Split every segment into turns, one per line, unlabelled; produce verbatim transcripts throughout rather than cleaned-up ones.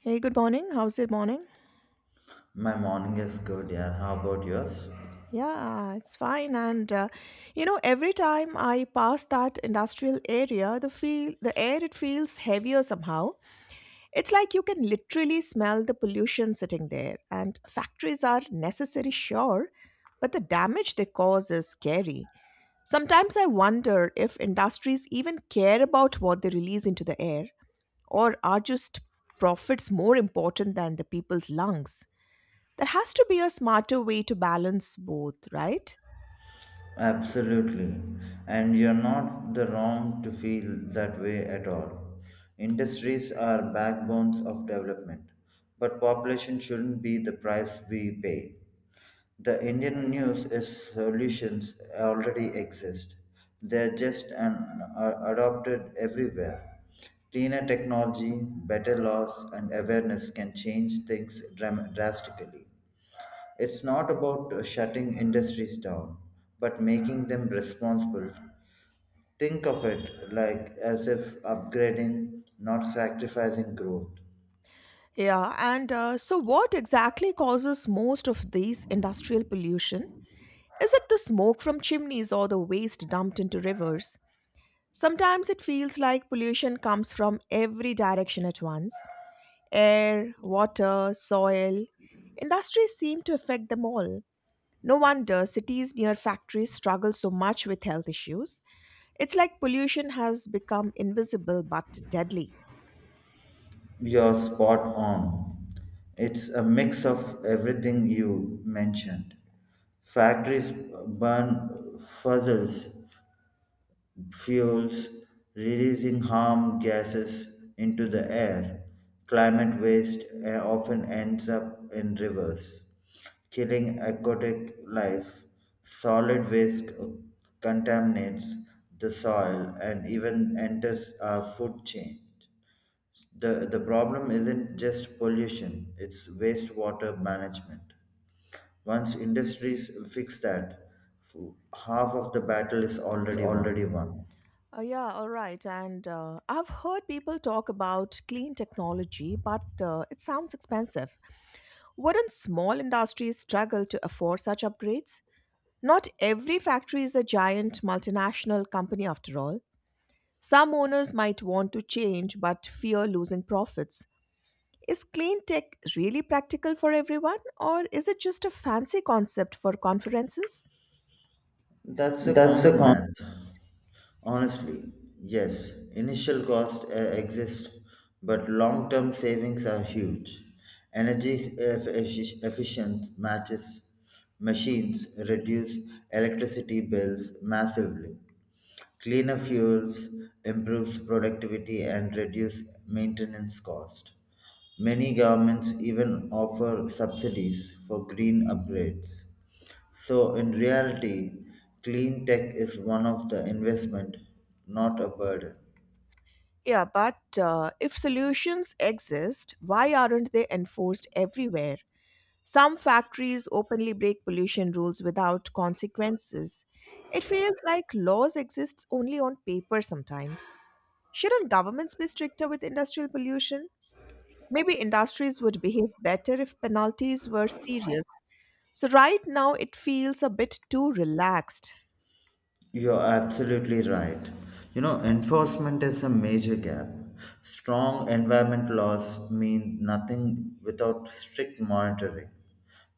Hey, good morning. How's your morning?
My morning is good, yeah. How about yours?
Yeah, it's fine. And uh, you know, every time I pass that industrial area, the feel the air it feels heavier somehow. It's like you can literally smell the pollution sitting there. And factories are necessary, sure, but the damage they cause is scary. Sometimes I wonder if industries even care about what they release into the air, or are just profits more important than the people's lungs. There has to be a smarter way to balance both, right?
Absolutely. And you're not the wrong to feel that way at all. Industries are backbones of development, but population shouldn't be the price we pay. The Indian news is solutions already exist. They're just an, are adopted everywhere. Cleaner technology, better laws, and awareness can change things dram- drastically. It's not about uh, shutting industries down, but making them responsible. Think of it like as if upgrading, not sacrificing growth.
Yeah, and uh, so what exactly causes most of these industrial pollution? Is it the smoke from chimneys or the waste dumped into rivers? Sometimes it feels like pollution comes from every direction at once air, water, soil. Industries seem to affect them all. No wonder cities near factories struggle so much with health issues. It's like pollution has become invisible but deadly.
You're spot on. It's a mix of everything you mentioned. Factories burn fuzzles fuels, releasing harmful gases into the air. Climate waste uh, often ends up in rivers, killing aquatic life. Solid waste contaminates the soil and even enters our food chain. The, the problem isn't just pollution, it's wastewater management. Once industries fix that, f- half of the battle is already
Already
won.
won. Uh, yeah, all right. And uh, I've heard people talk about clean technology, but uh, it sounds expensive. Wouldn't small industries struggle to afford such upgrades? Not every factory is a giant multinational company, after all. Some owners might want to change but fear losing profits. Is clean tech really practical for everyone, or is it just a fancy concept for conferences?
That's a
That's the
common
concept.
math. Honestly, yes, initial costs uh, exist, but long term savings are huge. Energy eff- effic- efficient matches machines reduce electricity bills massively. Cleaner fuels improves productivity and reduce maintenance cost. Many governments even offer subsidies for green upgrades. So in reality, clean tech is one of the investment, not a burden.
Yeah, but uh, if solutions exist, why aren't they enforced everywhere? Some factories openly break pollution rules without consequences. It feels like laws exist only on paper sometimes. Shouldn't governments be stricter with industrial pollution? Maybe industries would behave better if penalties were serious. So, right now, it feels a bit too relaxed.
You're absolutely right. You know, enforcement is a major gap. Strong environment laws mean nothing without strict monitoring.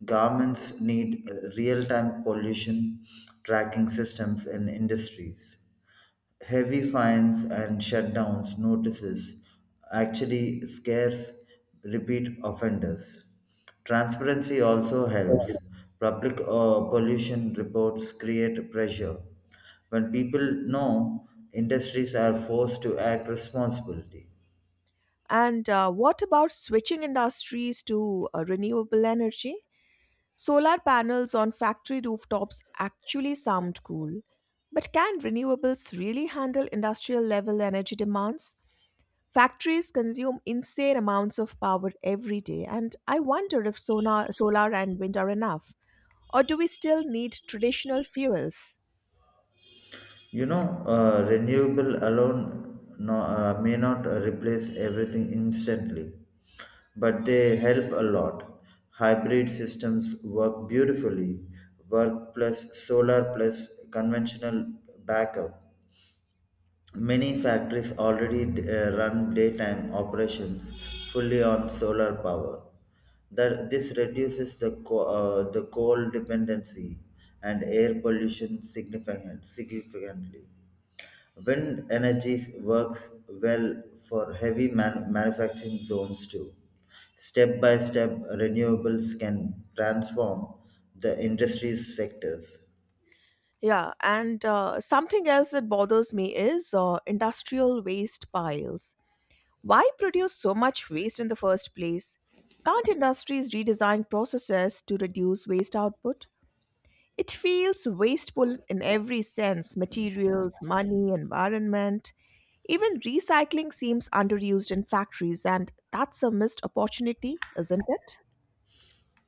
Governments need real time pollution tracking systems in industries. Heavy fines and shutdowns notices actually scares repeat offenders. Transparency also helps. Public uh, pollution reports create pressure. When people know, industries are forced to act responsibly.
And uh, what about switching industries to uh, renewable energy? Solar panels on factory rooftops actually sound cool, but can renewables really handle industrial level energy demands? Factories consume insane amounts of power every day, and I wonder if sonar, solar and wind are enough. Or do we still need traditional fuels?
You know, uh, renewable alone no, uh, may not replace everything instantly, but they help a lot. Hybrid systems work beautifully, work plus solar plus conventional backup. Many factories already uh, run daytime operations fully on solar power. That this reduces the co- uh, the coal dependency and air pollution significant, significantly. Wind energy works well for heavy man- manufacturing zones too. Step by step, renewables can transform the industry sectors.
Yeah, and uh, something else that bothers me is uh, industrial waste piles. Why produce so much waste in the first place? Can't industries redesign processes to reduce waste output? It feels wasteful in every sense materials, money, environment. Even recycling seems underused in factories, and that's a missed opportunity, isn't it?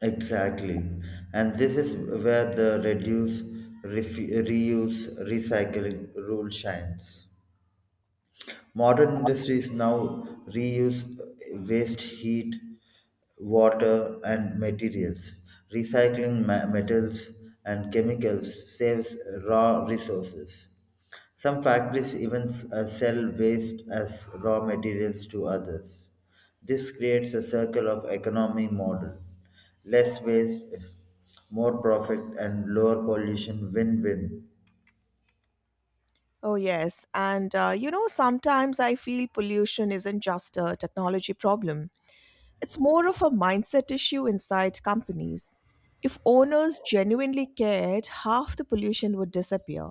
Exactly. And this is where the reduce, refu- reuse, recycling rule shines. Modern industries now reuse waste heat, water, and materials. Recycling ma- metals and chemicals saves raw resources. Some factories even s- uh, sell waste as raw materials to others. This creates a circle of economy model. Less waste, more profit, and lower pollution win win.
Oh, yes. And uh, you know, sometimes I feel pollution isn't just a technology problem. It's more of a mindset issue inside companies. If owners genuinely cared, half the pollution would disappear.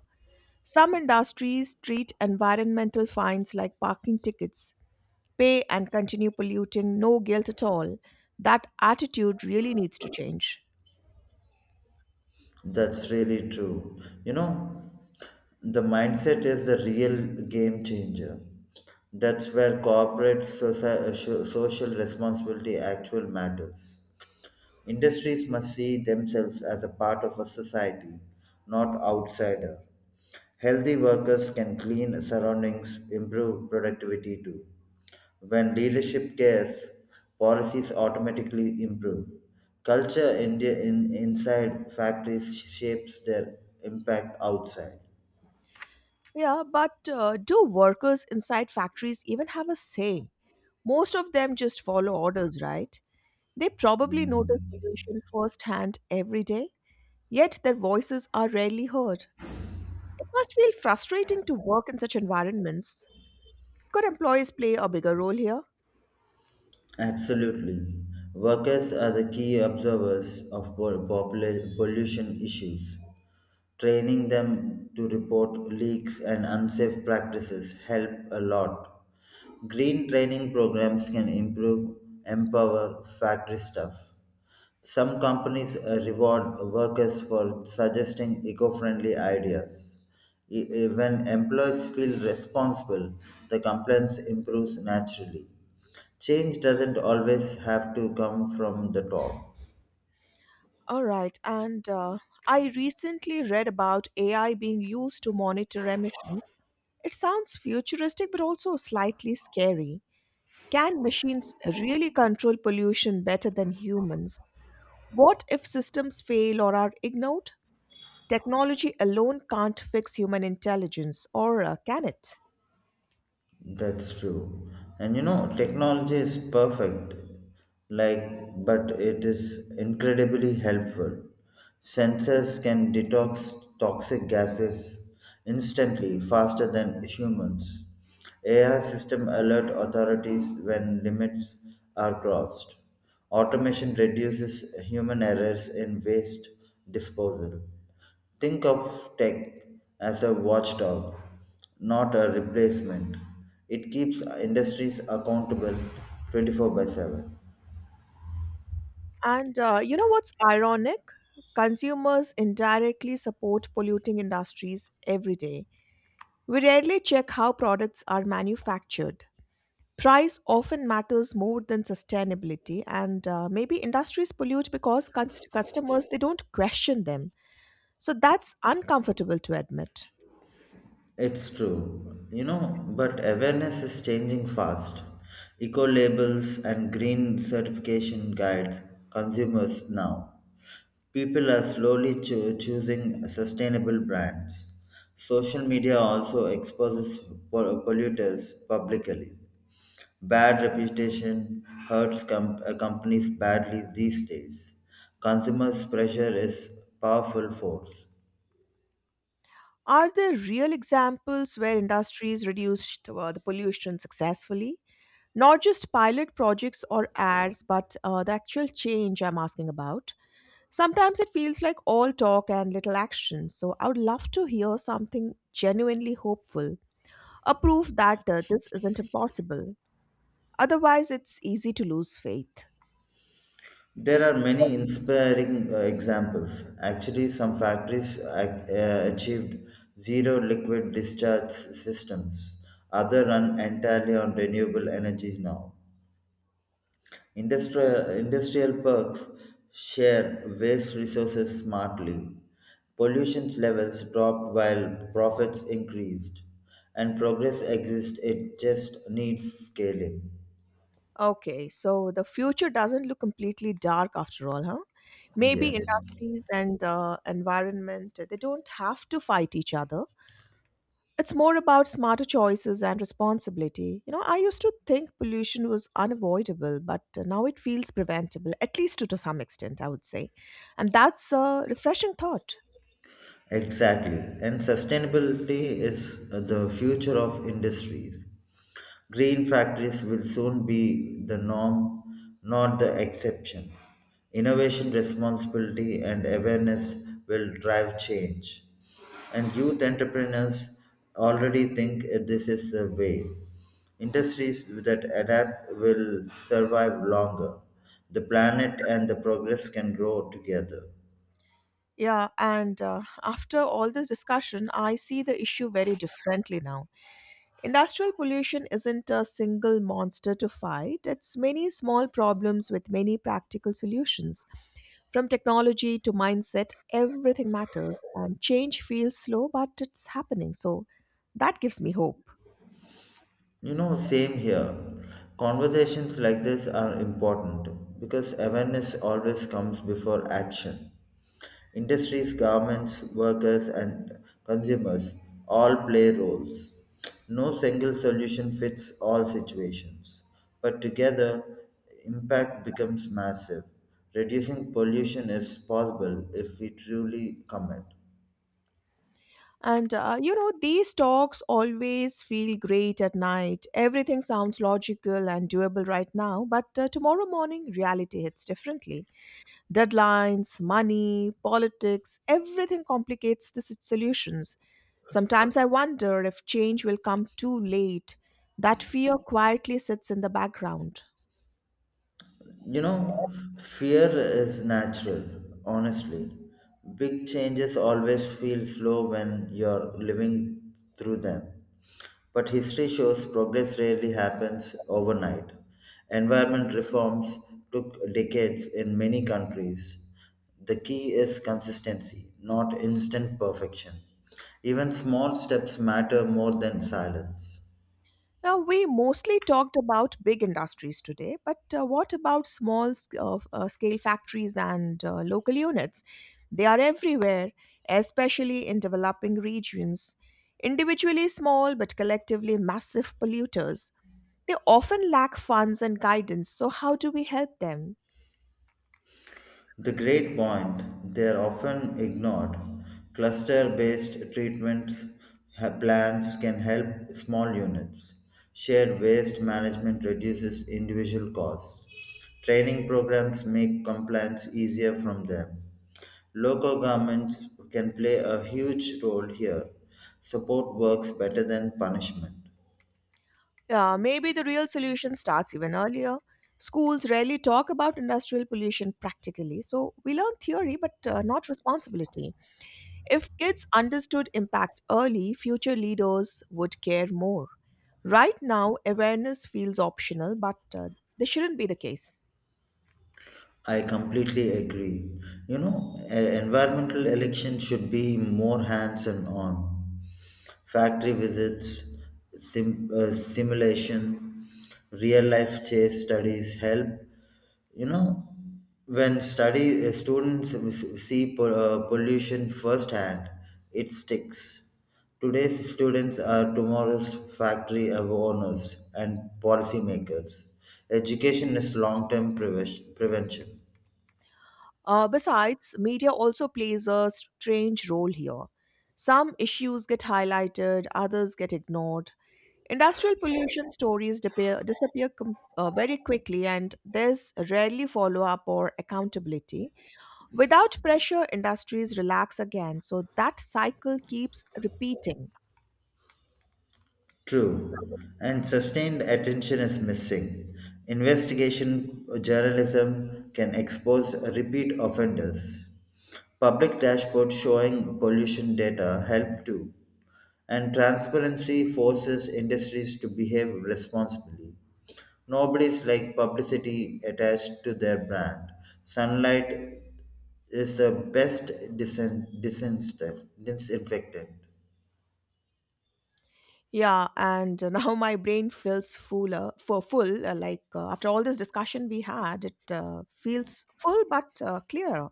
Some industries treat environmental fines like parking tickets pay and continue polluting, no guilt at all. That attitude really needs to change.
That's really true. You know, the mindset is the real game changer. That's where corporate soci- uh, sho- social responsibility actually matters. Industries must see themselves as a part of a society, not outsider. Healthy workers can clean surroundings, improve productivity too. When leadership cares, policies automatically improve. Culture in, in, inside factories shapes their impact outside.
Yeah, but uh, do workers inside factories even have a say? Most of them just follow orders, right? They probably notice pollution firsthand every day, yet their voices are rarely heard. It must feel frustrating to work in such environments. Could employees play a bigger role here?
Absolutely. Workers are the key observers of pol- popula- pollution issues. Training them to report leaks and unsafe practices help a lot. Green training programs can improve, empower factory staff. Some companies uh, reward workers for suggesting eco friendly ideas. E- e- When employees feel responsible, the compliance improves naturally. Change doesn't always have to come from the top.
All right. And uh, I recently read about A I being used to monitor emissions. It sounds futuristic, but also slightly scary. Can machines really control pollution better than humans? What if systems fail or are ignored? Technology alone can't fix human intelligence, or uh, can it?
That's true. And you know, technology is perfect, like, but it is incredibly helpful. Sensors can detox toxic gases instantly, faster than humans. A I system alert authorities when limits are crossed. Automation reduces human errors in waste disposal. Think of tech as a watchdog, not a replacement. It keeps industries accountable twenty-four by seven.
And uh, you know what's ironic? Consumers indirectly support polluting industries every day. We rarely check how products are manufactured. Price often matters more than sustainability, and uh, maybe industries pollute because cons- customers they don't question them. So that's uncomfortable to admit.
It's true, you know, but awareness is changing fast. Eco labels and green certification guides consumers now. People are slowly cho- choosing sustainable brands. Social media also exposes pol- polluters publicly. Bad reputation hurts com- uh, companies badly these days. Consumers' pressure is powerful force.
Are there real examples where industries reduced uh, the pollution successfully? Not just pilot projects or ads, but uh, the actual change I'm asking about. Sometimes it feels like all talk and little action, so I would love to hear something genuinely hopeful, a proof that uh, this isn't impossible. Otherwise, it's easy to lose faith.
There are many inspiring uh, examples. Actually, some factories ac- uh, achieved zero liquid discharge systems. Others run entirely on renewable energies now. Industrial, industrial parks share waste resources smartly. Pollution levels dropped while profits increased, and progress exists. It just needs scaling.
Okay, so the future doesn't look completely dark after all, huh? Maybe
Yes.
industries and uh, environment, they don't have to fight each other. It's more about smarter choices and responsibility. You know, I used to think pollution was unavoidable, but uh, now it feels preventable, at least to, to some extent, I would say. And that's a refreshing thought.
Exactly. And sustainability is the future of industries. Green factories will soon be the norm, not the exception. Innovation, responsibility, and awareness will drive change. And youth entrepreneurs already think this is the way. Industries that adapt will survive longer. The planet and the progress can grow together.
Yeah, and uh, after all this discussion, I see the issue very differently now. Industrial pollution isn't a single monster to fight, it's many small problems with many practical solutions. From technology to mindset, everything matters. And change feels slow, but it's happening. So that gives me hope.
You know, same here. Conversations like this are important because awareness always comes before action. Industries, governments, workers, and consumers all play roles. No single solution fits all situations, but together, impact becomes massive. Reducing pollution is possible if we truly commit.
And uh, you know, these talks always feel great at night. Everything sounds logical and doable right now, but uh, tomorrow morning, reality hits differently. Deadlines, money, politics, everything complicates the s- solutions. Sometimes I wonder if change will come too late. That fear quietly sits in the background.
You know, fear is natural, honestly. Big changes always feel slow when you're living through them. But history shows progress rarely happens overnight. Environment reforms took decades in many countries. The key is consistency, not instant perfection. Even small steps matter more than silence.
Now, we mostly talked about big industries today, but uh, what about small sc- uh, f- uh, scale factories and uh, local units? They are everywhere, especially in developing regions. Individually small, but collectively massive polluters. They often lack funds and guidance, so, how do we help them?
The great point, they are often ignored. Cluster based treatments ha- plans can help small units. Shared waste management reduces individual costs. Training programs make compliance easier from them. Local governments can play a huge role here. Support works better than punishment.
Yeah, maybe the real solution starts even earlier. Schools rarely talk about industrial pollution practically, so we learn theory but uh, not responsibility. If kids understood impact early, future leaders would care more. Right now, awareness feels optional, but uh, this shouldn't be the case.
I completely agree. You know, e- environmental election should be more hands-on on. Factory visits, sim, uh, simulation, real-life case studies help. You know, when study uh, students see po- uh, pollution firsthand it sticks today's students are tomorrow's factory owners and policymakers education is long-term preven- prevention.
Uh, besides, media also plays a strange role here. Some issues get highlighted, others get ignored. Industrial pollution stories disappear, disappear com- uh, very quickly, and there's rarely follow up or accountability. Without pressure, industries relax again, so that cycle keeps repeating.
True, and sustained attention is missing. Investigation journalism can expose repeat offenders. Public dashboards showing pollution data help too, and transparency forces industries to behave responsibly. Nobody's like publicity attached to their brand. Sunlight is the best disin- disinstef- disinfectant.
Yeah, and uh, now my brain feels fuller, for full. uh, Like uh, after all this discussion we had, it uh, feels full but uh, clear.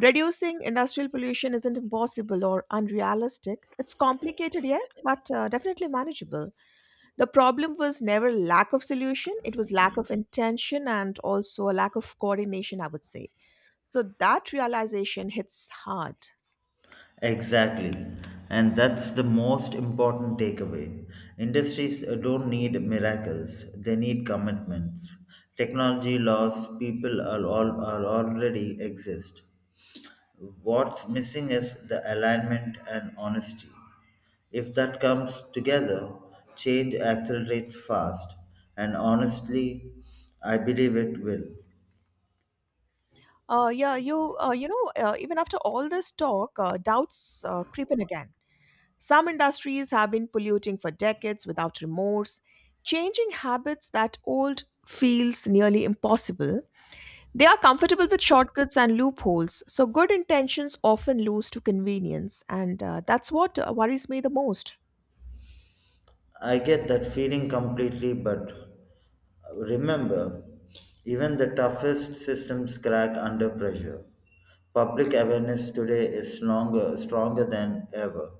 Reducing industrial pollution isn't impossible or unrealistic. It's complicated, yes, but uh, definitely manageable. The problem was never lack of solution, it was lack of intention and also a lack of coordination, I would say. So that realization hits hard.
Exactly. And that's the most important takeaway. Industries uh, don't need miracles, they need commitments. Technology laws, people are, all, are already exist. What's missing is the alignment and honesty. If that comes together, change accelerates fast, and honestly, I believe it will.
Uh, yeah, you uh, you know, uh, even after all this talk, uh, doubts uh, creep in again. Some industries have been polluting for decades without remorse. Changing habits that old feels nearly impossible. They are comfortable with shortcuts and loopholes, so good intentions often lose to convenience, and uh, that's what uh, worries me the most.
I get that feeling completely, but remember, even the toughest systems crack under pressure. Public awareness today is stronger, stronger than ever.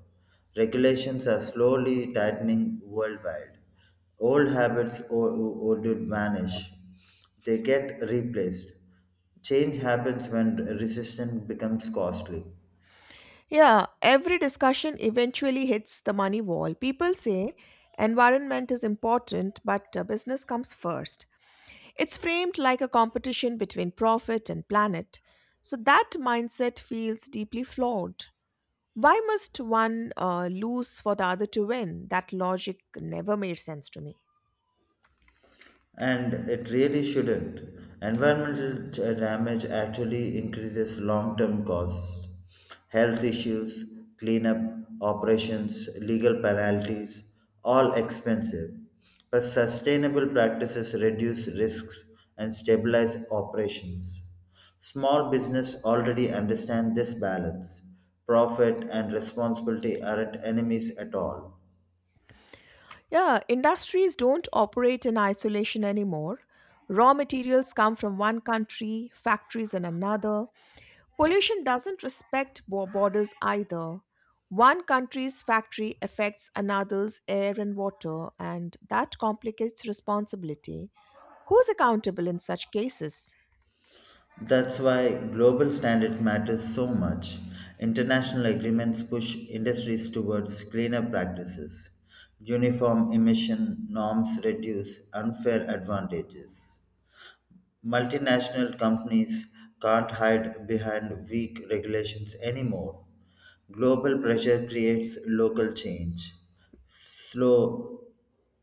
Regulations are slowly tightening worldwide. Old habits o- o- would vanish. They get replaced. Change happens when resistance becomes costly.
Yeah, every discussion eventually hits the money wall. People say environment is important, but uh, business comes first. It's framed like a competition between profit and planet, so that mindset feels deeply flawed. Why must one uh, lose for the other to win? That logic never made sense to me.
And it really shouldn't. Environmental t- damage actually increases long term costs, health issues, cleanup operations, legal penalties, all expensive. But sustainable practices reduce risks and stabilize operations. Small business already understand this balance. Profit and responsibility aren't enemies at all.
Yeah, industries don't operate in isolation anymore. Raw materials come from one country, factories in another. Pollution doesn't respect bo- borders either. One country's factory affects another's air and water, and that complicates responsibility. Who's accountable in such cases?
That's why global standards matter so much. International agreements push industries towards cleaner practices. Uniform emission norms reduce unfair advantages. Multinational companies can't hide behind weak regulations anymore. Global pressure creates local change. Slow,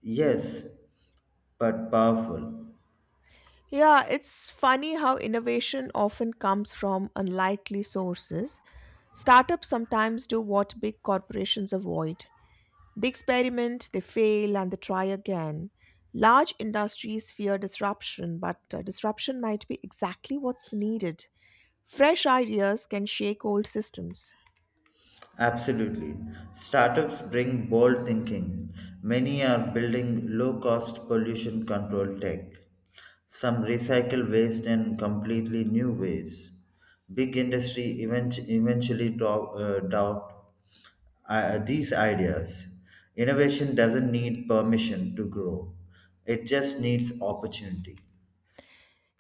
yes, but powerful.
Yeah, it's funny how innovation often comes from unlikely sources. Startups sometimes do what big corporations avoid. They experiment, they fail, and they try again. Large industries fear disruption, but uh, disruption might be exactly what's needed. Fresh ideas can shake old systems.
Absolutely. Startups bring bold thinking. Many are building low cost pollution control tech. Some recycle waste in completely new ways. Big industry event- eventually do- uh, doubt uh, these ideas. Innovation doesn't need permission to grow, it just needs opportunity.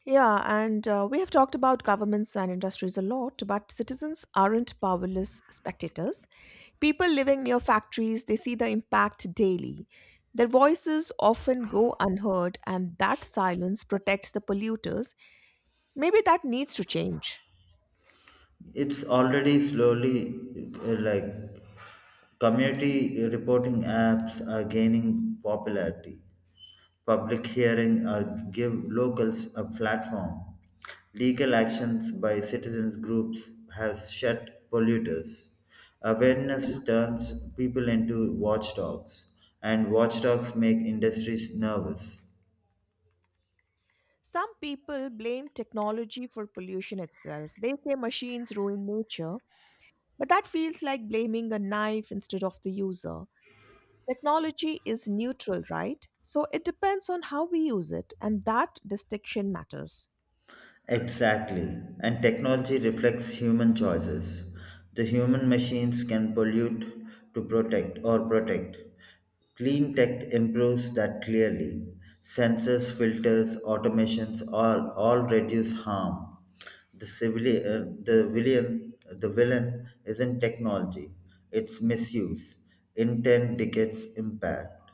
Yeah, and uh, we have talked about governments and industries a lot, but citizens aren't powerless spectators. People living near factories, they see the impact daily. Their voices often go unheard, and that silence protects the polluters. Maybe that needs to change.
It's already slowly uh, like community reporting apps are gaining popularity. Public hearing are give locals a platform. Legal actions by citizens groups has shut polluters. Awareness turns people into watchdogs, and watchdogs make industries nervous.
Some people blame technology for pollution itself. They say machines ruin nature, but that feels like blaming a knife instead of the user. Technology is neutral, right? So it depends on how we use it, and that distinction matters.
Exactly. And technology reflects human choices. The human machines can pollute to protect or protect. Clean tech improves that clearly. Sensors, filters, automations all, all reduce harm. The civilian, the villain, the villain isn't technology; it's misuse, intent dictates impact.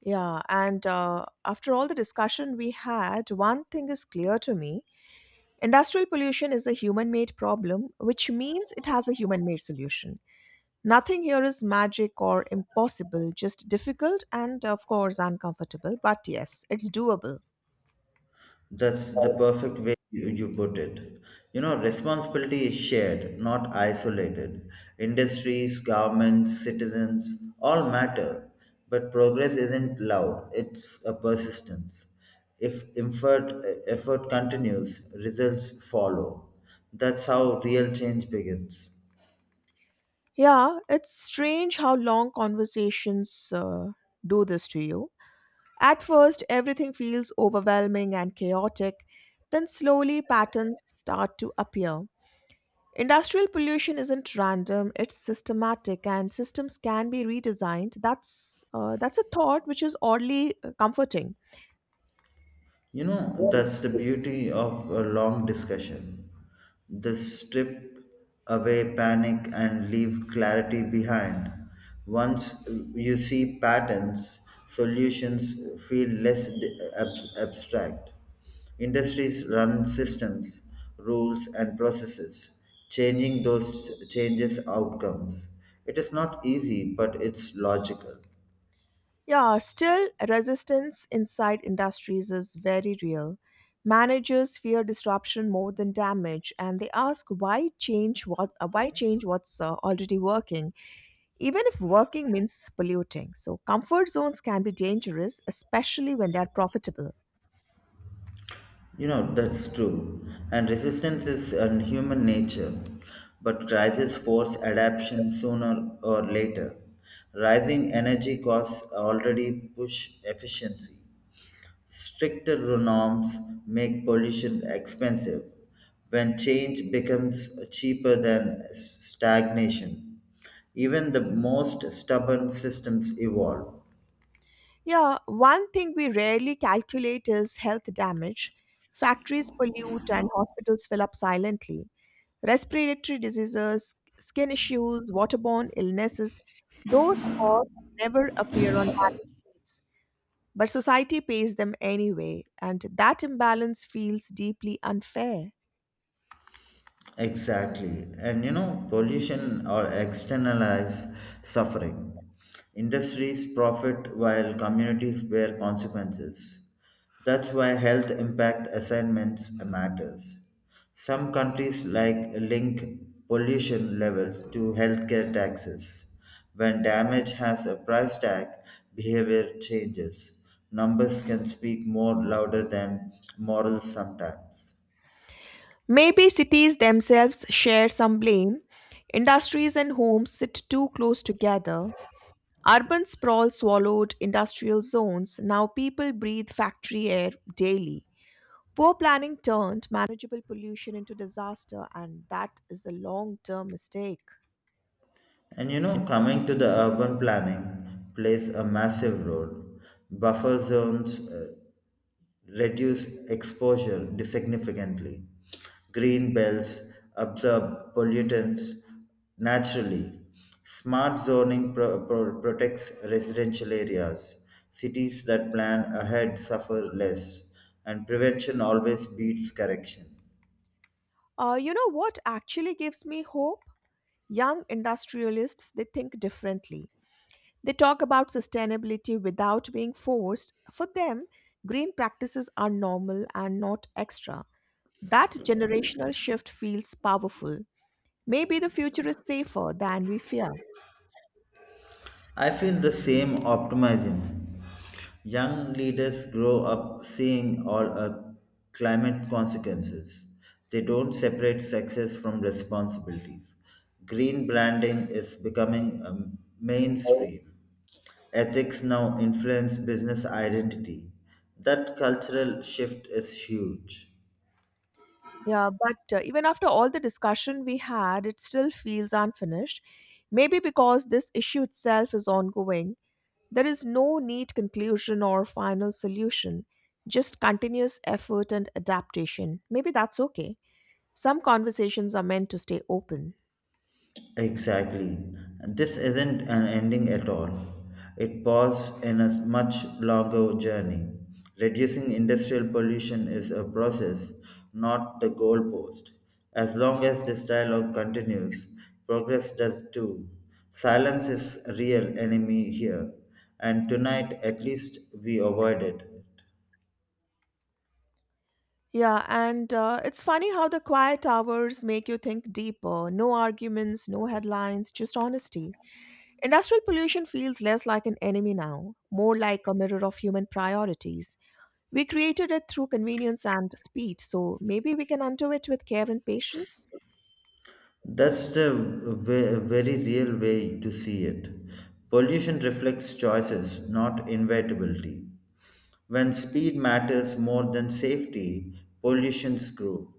Yeah, and uh, after all the discussion we had, one thing is clear to me industrial pollution is a human made problem, which means it has a human made solution. Nothing here is magic or impossible, just difficult and, of course, uncomfortable. But yes, it's doable.
That's the perfect way you you put it. You know, responsibility is shared, not isolated. Industries, governments, citizens all matter, but progress isn't loud, it's a persistence. If effort, Effort continues, results follow. That's how real change begins.
Yeah, it's strange how long conversations uh, do this to you. At first, everything feels overwhelming and chaotic, then, slowly, patterns start to appear. Industrial pollution isn't random, it's systematic, and systems can be redesigned. That's, uh, that's a thought which is oddly uh, comforting.
You know, that's the beauty of a long discussion. They strip away panic and leave clarity behind. Once you see patterns, solutions feel less d- ab- abstract. Industries run systems, rules, and processes, changing those changes outcomes. It is not easy, but it's logical.
Yeah, still, resistance inside industries is very real. Managers fear disruption more than damage, and they ask why change what uh, why change what's uh, already working, even if working means polluting. So comfort zones can be dangerous, especially when they are profitable.
You know, that's true. And resistance is in human nature. But crises force adaptation sooner or later. Rising energy costs already push efficiency. Stricter norms make pollution expensive when change becomes cheaper than stagnation. Even the most stubborn systems evolve.
Yeah, one thing we rarely calculate is health damage. Factories pollute and hospitals fill up silently. Respiratory diseases, skin issues, waterborne illnesses, those costs never appear on balance sheets, but society pays them anyway, and that imbalance feels deeply unfair.
Exactly. And you know, pollution or externalize suffering. Industries profit while communities bear consequences. That's why health impact assignments matters. Some countries like link pollution levels to healthcare taxes. When damage has a price tag, behavior changes. Numbers can speak more louder than morals sometimes.
Maybe cities themselves share some blame. Industries and homes sit too close together. Urban sprawl swallowed industrial zones. Now people breathe factory air daily. Poor planning turned manageable pollution into disaster, and that is a long term mistake.
And you know, coming to the urban planning plays a massive role. Buffer zones uh, reduce exposure significantly. Green belts absorb pollutants naturally. Smart zoning pro- pro- protects residential areas. Cities that plan ahead suffer less, and prevention always beats correction.
Uh, you know what actually gives me hope? Young industrialists, they think differently. They talk about sustainability without being forced. For them, green practices are normal and not extra. That generational shift feels powerful. Maybe the future is safer than we fear.
I feel the same optimism. Young leaders grow up seeing all our climate consequences. They don't separate success from responsibilities. Green branding is becoming um, mainstream. Ethics now influence business identity. That cultural shift is huge.
Yeah, but uh, even after all the discussion we had, it still feels unfinished. Maybe because this issue itself is ongoing, there is no neat conclusion or final solution, just continuous effort and adaptation. Maybe that's okay. Some conversations are meant to stay open.
Exactly. This isn't an ending at all. It paused in a much longer journey. Reducing industrial pollution is a process, not the goalpost. As long as this dialogue continues, progress does too. Silence is a real enemy here, and tonight at least we avoid it.
Yeah, and uh, it's funny how the quiet hours make you think deeper. No arguments, no headlines, just honesty. Industrial pollution feels less like an enemy now, more like a mirror of human priorities. We created it through convenience and speed, so maybe we can undo it with care and patience.
That's the ve- very real way to see it. Pollution reflects choices, not inevitability. When speed matters more than safety, pollutions grow.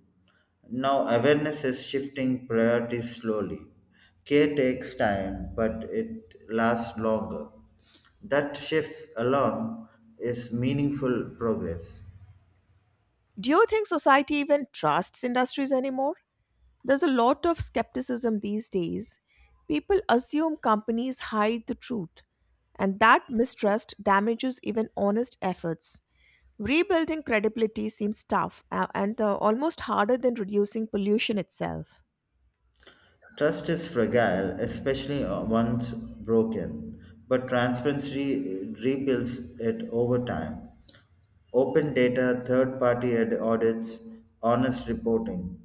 Now, awareness is shifting priorities slowly. Care takes time, but it lasts longer. That shift alone is meaningful progress.
Do you think society even trusts industries anymore? There's a lot of skepticism these days. People assume companies hide the truth, and that mistrust damages even honest efforts. Rebuilding credibility seems tough uh, and uh, almost harder than reducing pollution itself.
Trust is fragile, especially uh, once broken, but transparency rebuilds it over time. Open data, third party audits, honest reporting.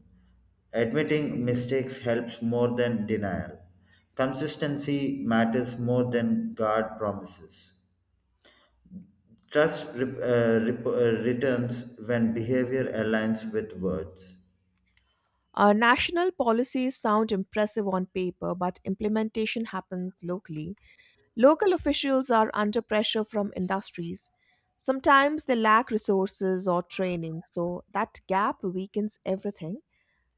Admitting mistakes helps more than denial. Consistency matters more than guard promises. Trust re- uh, rep- uh, returns when behavior aligns with words.
Uh, national policies sound impressive on paper, but implementation happens locally. Local officials are under pressure from industries. Sometimes they lack resources or training, so that gap weakens everything.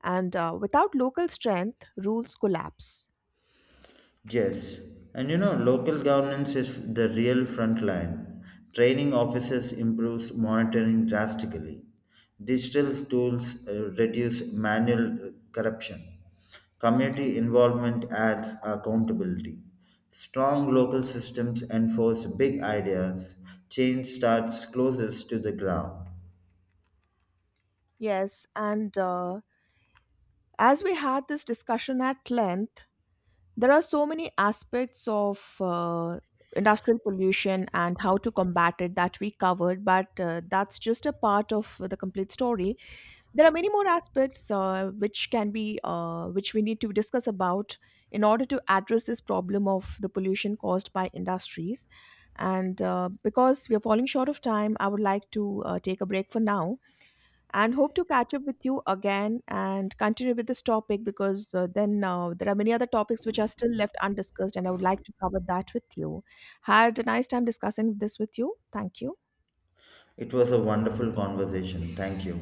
And uh, without local strength, rules collapse.
Yes, and you know, local governance is the real front line. Training officers improves monitoring drastically. Digital tools uh, reduce manual uh, corruption. Community involvement adds accountability. Strong local systems enforce big ideas. Change starts closest to the ground.
Yes, and uh, as we had this discussion at length, there are so many aspects of uh, industrial pollution and how to combat it that we covered, but uh, that's just a part of the complete story. There are many more aspects uh, which can be uh, which we need to discuss about in order to address this problem of the pollution caused by industries, and uh, because we are falling short of time, I would like to uh, take a break for now and hope to catch up with you again and continue with this topic, because uh, then uh, there are many other topics which are still left undiscussed and I would like to cover that with you. Had a nice time discussing this with you. Thank you.
It was a wonderful conversation. Thank you.